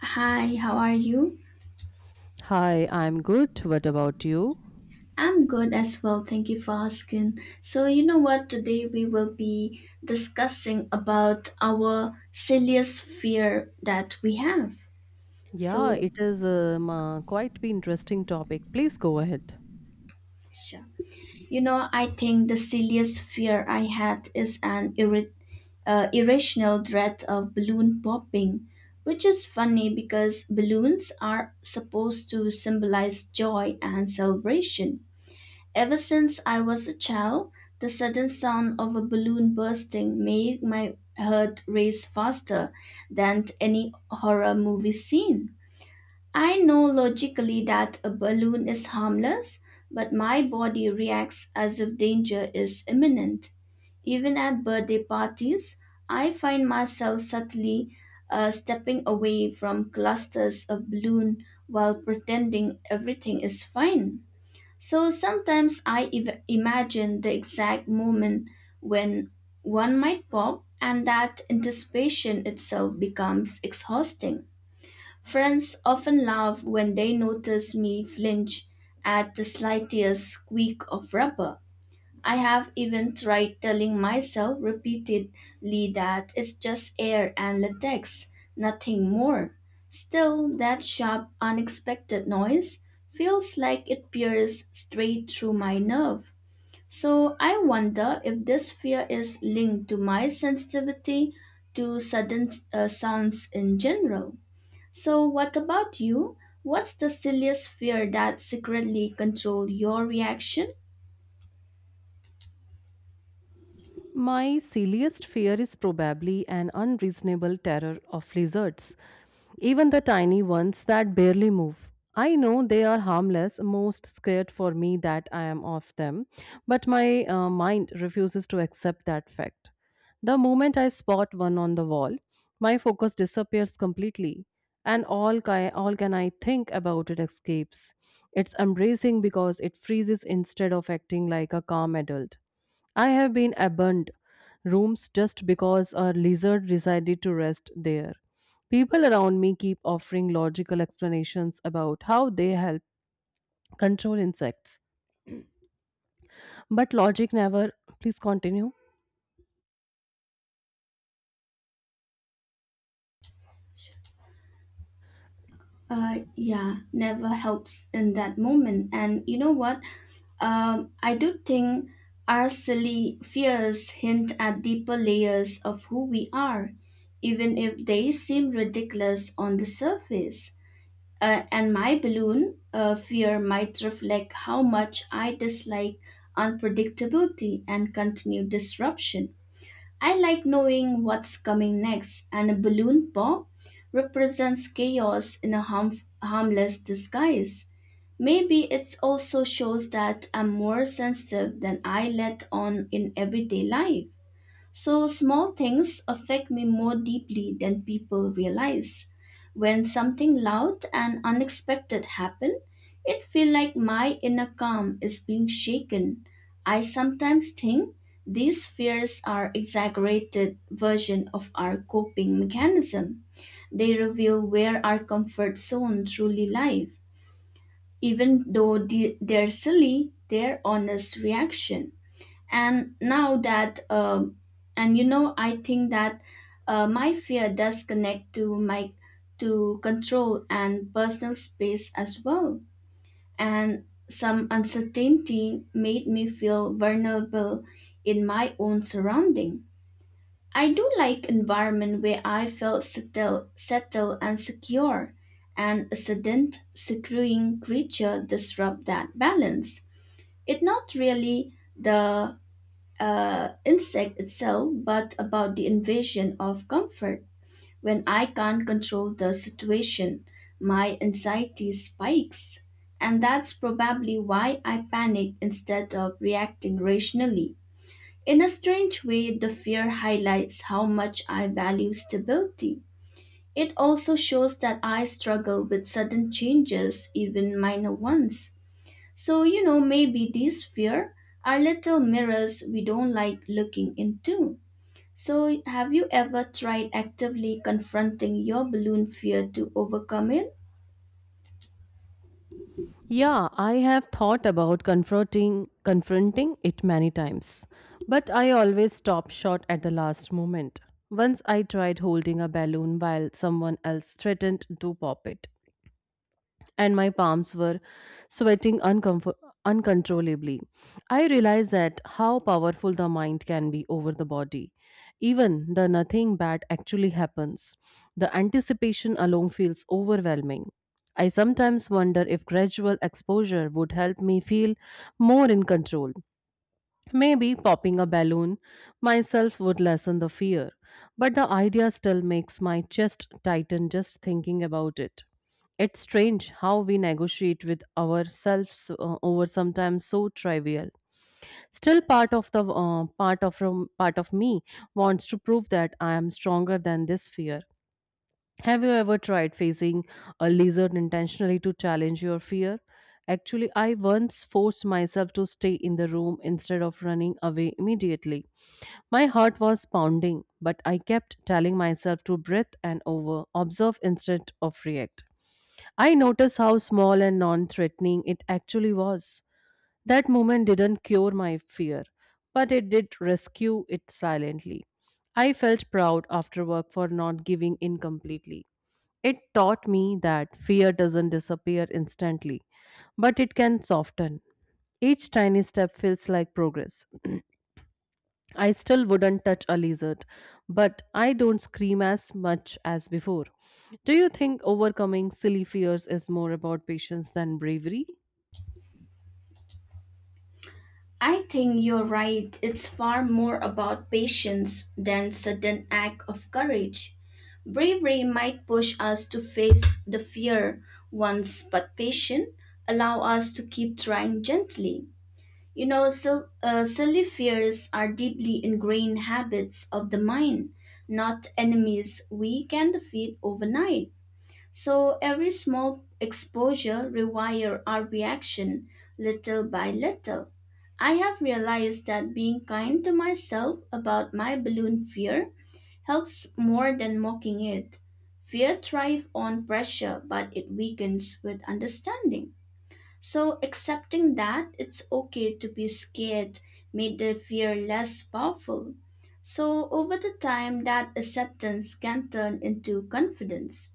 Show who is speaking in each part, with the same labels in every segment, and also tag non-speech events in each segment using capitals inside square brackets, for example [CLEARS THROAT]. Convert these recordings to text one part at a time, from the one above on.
Speaker 1: Hi, how are you?
Speaker 2: Hi, I'm good. What about you?
Speaker 1: I'm good as well. Thank you for asking. So, you know what? Today we will be discussing about our silliest fear that we have.
Speaker 2: Yeah,
Speaker 1: So,
Speaker 2: it is quite an interesting topic. Please go ahead.
Speaker 1: sure. I think the silliest fear I had is an irrational dread of balloon popping, which is funny because balloons are supposed to symbolize joy and celebration. Ever since I was a child, the sudden sound of a balloon bursting made my heart race faster than any horror movie scene. I know logically that a balloon is harmless, but my body reacts as if danger is imminent. Even at birthday parties, I find myself subtly stepping away from clusters of balloon while pretending everything is fine. So sometimes imagine the exact moment when one might pop, and that anticipation itself becomes exhausting. Friends often laugh when they notice me flinch at the slightest squeak of rubber. I have even tried telling myself repeatedly that it's just air and latex, nothing more. Still, that sharp, unexpected noise feels like it pierces straight through my nerve. So I wonder if this fear is linked to my sensitivity to sudden sounds in general. So, what about you? What's the silliest fear that secretly controls your reaction?
Speaker 2: My silliest fear is probably an unreasonable terror of lizards, even the tiny ones that barely move. I know they are harmless, most scared for me that I am of them, but my mind refuses to accept that fact. The moment I spot one on the wall, my focus disappears completely, and all can I think about it escapes. It's embracing because it freezes instead of acting like a calm adult. I have been abandoned rooms just because a lizard decided to rest there. People around me keep offering logical explanations about how they help control insects. But logic never. Please continue.
Speaker 1: Yeah, never helps in that moment. And you know what? I do think our silly fears hint at deeper layers of who we are, even if they seem ridiculous on the surface. And my balloon fear might reflect how much I dislike unpredictability and continued disruption. I like knowing what's coming next, and a balloon pop represents chaos in a harmless disguise. Maybe it also shows that I'm more sensitive than I let on in everyday life. So, small things affect me more deeply than people realize. When something loud and unexpected happen, it feels like my inner calm is being shaken. I sometimes think these fears are exaggerated version of our coping mechanism. They reveal where our comfort zone truly lies. Even though they're silly, they're honest reaction and now that, and I think that, my fear does connect to my to control and personal space as well, and some uncertainty made me feel vulnerable in my own surrounding. I do like environment where I felt settled and secure, and a sudden screwing creature disrupt that balance. It not really the insect itself, but about the invasion of comfort. When I can't control the situation, my anxiety spikes. And that's probably why I panic instead of reacting rationally. In a strange way, the fear highlights how much I value stability. It also shows that I struggle with sudden changes, even minor ones. So, maybe these fear are little mirrors we don't like looking into. So, have you ever tried actively confronting your balloon fear to overcome it?
Speaker 2: Yeah, I have thought about confronting it many times, but I always stop short at the last moment. Once I tried holding a balloon while someone else threatened to pop it and my palms were sweating uncomfort- uncontrollably. I realized that how powerful the mind can be over the body. Even the nothing bad actually happens. The anticipation alone feels overwhelming. I sometimes wonder if gradual exposure would help me feel more in control. Maybe popping a balloon myself would lessen the fear, but the idea still makes my chest tighten just thinking about it. It's strange how we negotiate with ourselves over sometimes so trivial. Still, part of the part of from part of me wants to prove that I am stronger than this fear. Have you ever tried facing a lizard intentionally to challenge your fear? Actually, I once forced myself to stay in the room instead of running away immediately. My heart was pounding, but I kept telling myself to breathe and observe instead of react. I noticed how small and non threatening it actually was. That moment didn't cure my fear, but it did rescue it silently. I felt proud after work for not giving in completely. It taught me that fear doesn't disappear instantly, but it can soften. Each tiny step feels like progress. [CLEARS THROAT] I still wouldn't touch a lizard, but I don't scream as much as before. Do you think overcoming silly fears is more about patience than bravery?
Speaker 1: I think you're right. It's far more about patience than sudden act of courage. Bravery might push us to face the fear once, but patience allow us to keep trying gently. Silly fears are deeply ingrained habits of the mind, not enemies we can defeat overnight. So every small exposure rewire our reaction little by little. I have realized that being kind to myself about my balloon fear helps more than mocking it. Fear thrives on pressure, but it weakens with understanding. So accepting that it's okay to be scared made the fear less powerful. So over the time that acceptance can turn into confidence.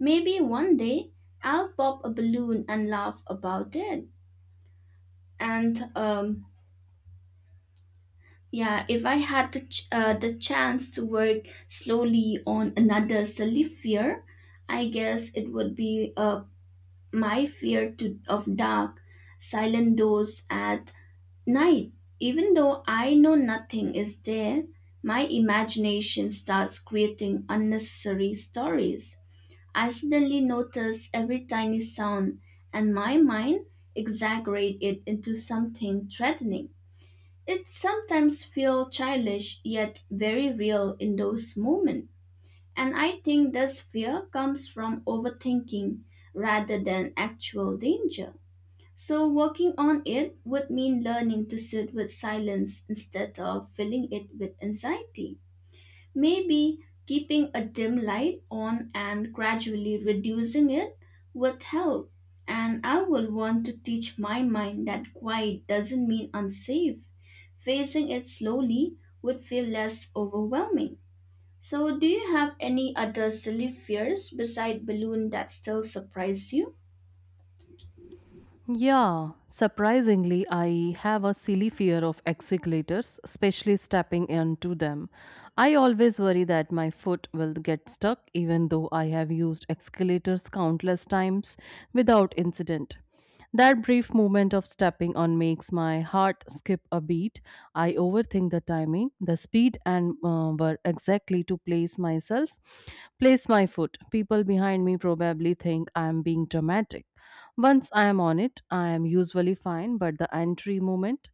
Speaker 1: Maybe one day I'll pop a balloon and laugh about it. And Yeah, if I had the chance to work slowly on another silly fear, I guess it would be my fear of dark, silent doors at night. Even though I know nothing is there, my imagination starts creating unnecessary stories. I suddenly notice every tiny sound, and my mind exaggerates it into something threatening. It sometimes feels childish yet very real in those moments. And I think this fear comes from overthinking rather than actual danger. So, working on it would mean learning to sit with silence instead of filling it with anxiety. Maybe keeping a dim light on and gradually reducing it would help. And I will want to teach my mind that quiet doesn't mean unsafe. Facing it slowly would feel less overwhelming. So, do you have any other silly fears beside balloon that still surprise you?
Speaker 2: Yeah, surprisingly, I have a silly fear of escalators, especially stepping onto them. I always worry that my foot will get stuck, even though I have used escalators countless times without incident. That brief moment of stepping on makes my heart skip a beat. I overthink the timing, the speed, and where exactly to place myself, place my foot. People behind me probably think I'm being dramatic once I am on it, I am usually fine, but the entry movement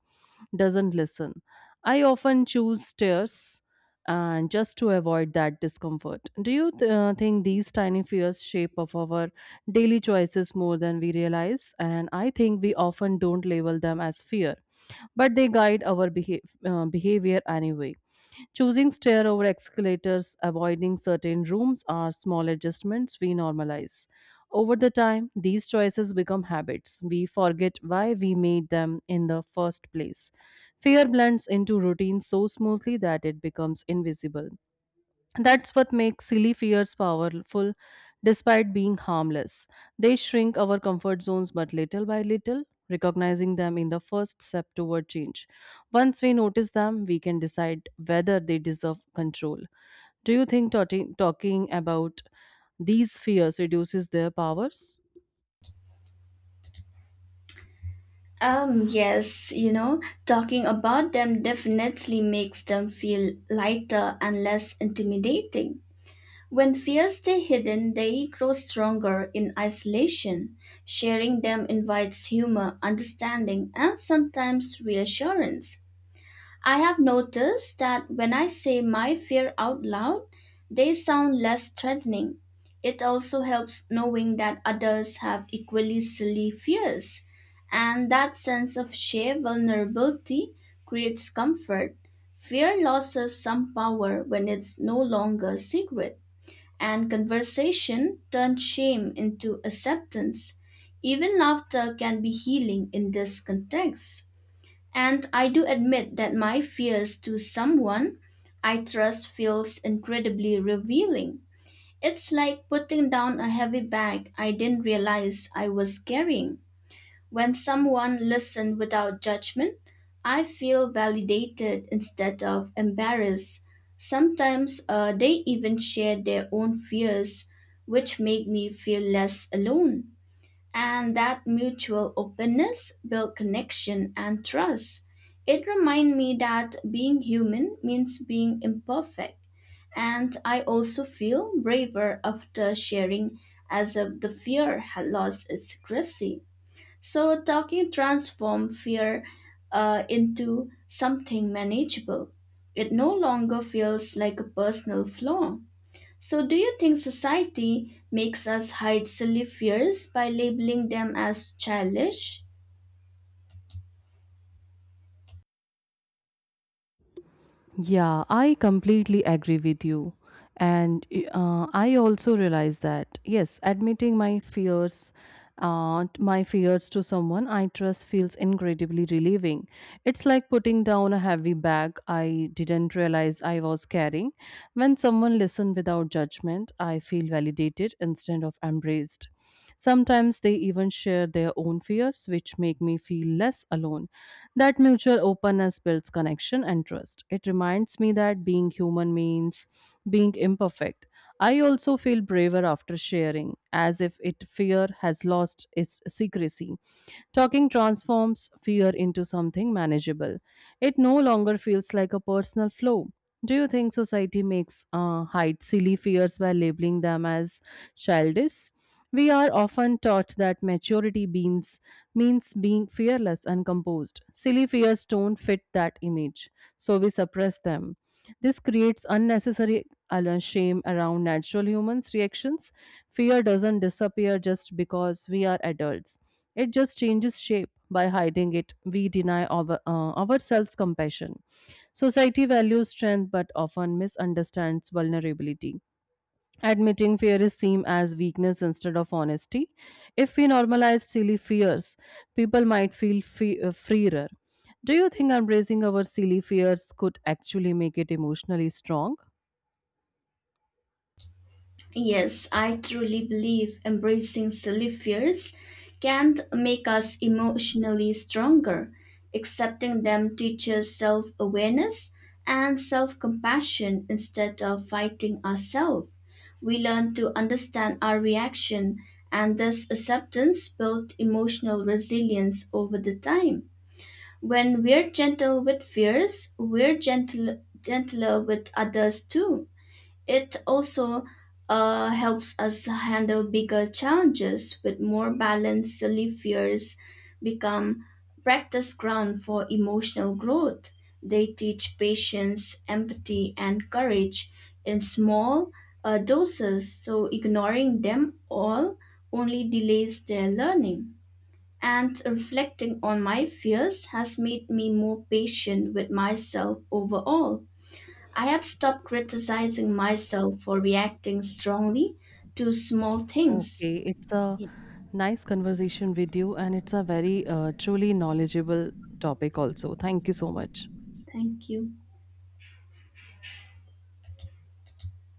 Speaker 2: doesn't listen. I often choose stairs and just to avoid that discomfort. Do you think these tiny fears shape of our daily choices more than we realize? And I think we often don't label them as fear, but they guide our behavior anyway. Choosing stair over escalators, avoiding certain rooms are small adjustments we normalize. Over the time, these choices become habits. We forget why we made them in the first place. Fear blends into routine so smoothly that it becomes invisible. That's what makes silly fears powerful despite being harmless. They shrink our comfort zones, but little by little, recognizing them in the first step toward change. Once we notice them, we can decide whether they deserve control. Do you think talking about these fears reduces their powers?
Speaker 1: Yes, talking about them definitely makes them feel lighter and less intimidating. When fears stay hidden, they grow stronger in isolation. Sharing them invites humor, understanding, and sometimes reassurance. I have noticed that when I say my fear out loud, they sound less threatening. It also helps knowing that others have equally silly fears, and that sense of shared vulnerability creates comfort. Fear loses some power when it's no longer secret and conversation turns shame into acceptance. Even laughter can be healing in this context. And I do admit that my fears to someone I trust feels incredibly revealing. It's like putting down a heavy bag I didn't realize I was carrying. When someone listens without judgment, I feel validated instead of embarrassed. Sometimes they even share their own fears, which make me feel less alone. And that mutual openness builds connection and trust. It reminds me that being human means being imperfect. And I also feel braver after sharing as if the fear had lost its secrecy. So, talking transformed fear into something manageable. It no longer feels like a personal flaw. So, do you think society makes us hide silly fears by labeling them as childish?
Speaker 2: Yeah, I completely agree with you. And I also realize that, yes, my fears to someone I trust feels incredibly relieving. It's like putting down a heavy bag I didn't realize I was carrying. When someone listens without judgment, I feel validated instead of embraced. Sometimes they even share their own fears, which make me feel less alone. That mutual openness builds connection and trust. It reminds me that being human means being imperfect. I also feel braver after sharing, as if it fear has lost its secrecy. Talking transforms fear into something manageable. It no longer feels like a personal flaw. Do you think society makes hide silly fears by labeling them as childish? We are often taught that maturity means being fearless and composed. Silly fears don't fit that image, so we suppress them. This creates unnecessary shame around natural humans' reactions. Fear doesn't disappear just because we are adults, it just changes shape. By hiding it, we deny ourselves compassion. Society values strength but often misunderstands vulnerability. Admitting fear is seen as weakness instead of honesty. If we normalize silly fears, people might feel freer. Do you think embracing our silly fears could actually make it emotionally strong?
Speaker 1: Yes, I truly believe embracing silly fears can make us emotionally stronger. Accepting them teaches self awareness and self compassion instead of fighting ourselves. We learn to understand our reaction, and this acceptance builds emotional resilience over the time. When we're gentle with fears, gentler with others too. It also helps us handle bigger challenges with more balanced Silly fears become practice ground for emotional growth. They teach patience, empathy, and courage in small doses, so ignoring them all only delays their learning. And reflecting on my fears has made me more patient with myself overall. I have stopped criticizing myself for reacting strongly to small things.
Speaker 2: Okay, it's a
Speaker 1: Yeah.
Speaker 2: nice conversation with you, and it's a very truly knowledgeable topic, also. Thank you so much.
Speaker 1: Thank you.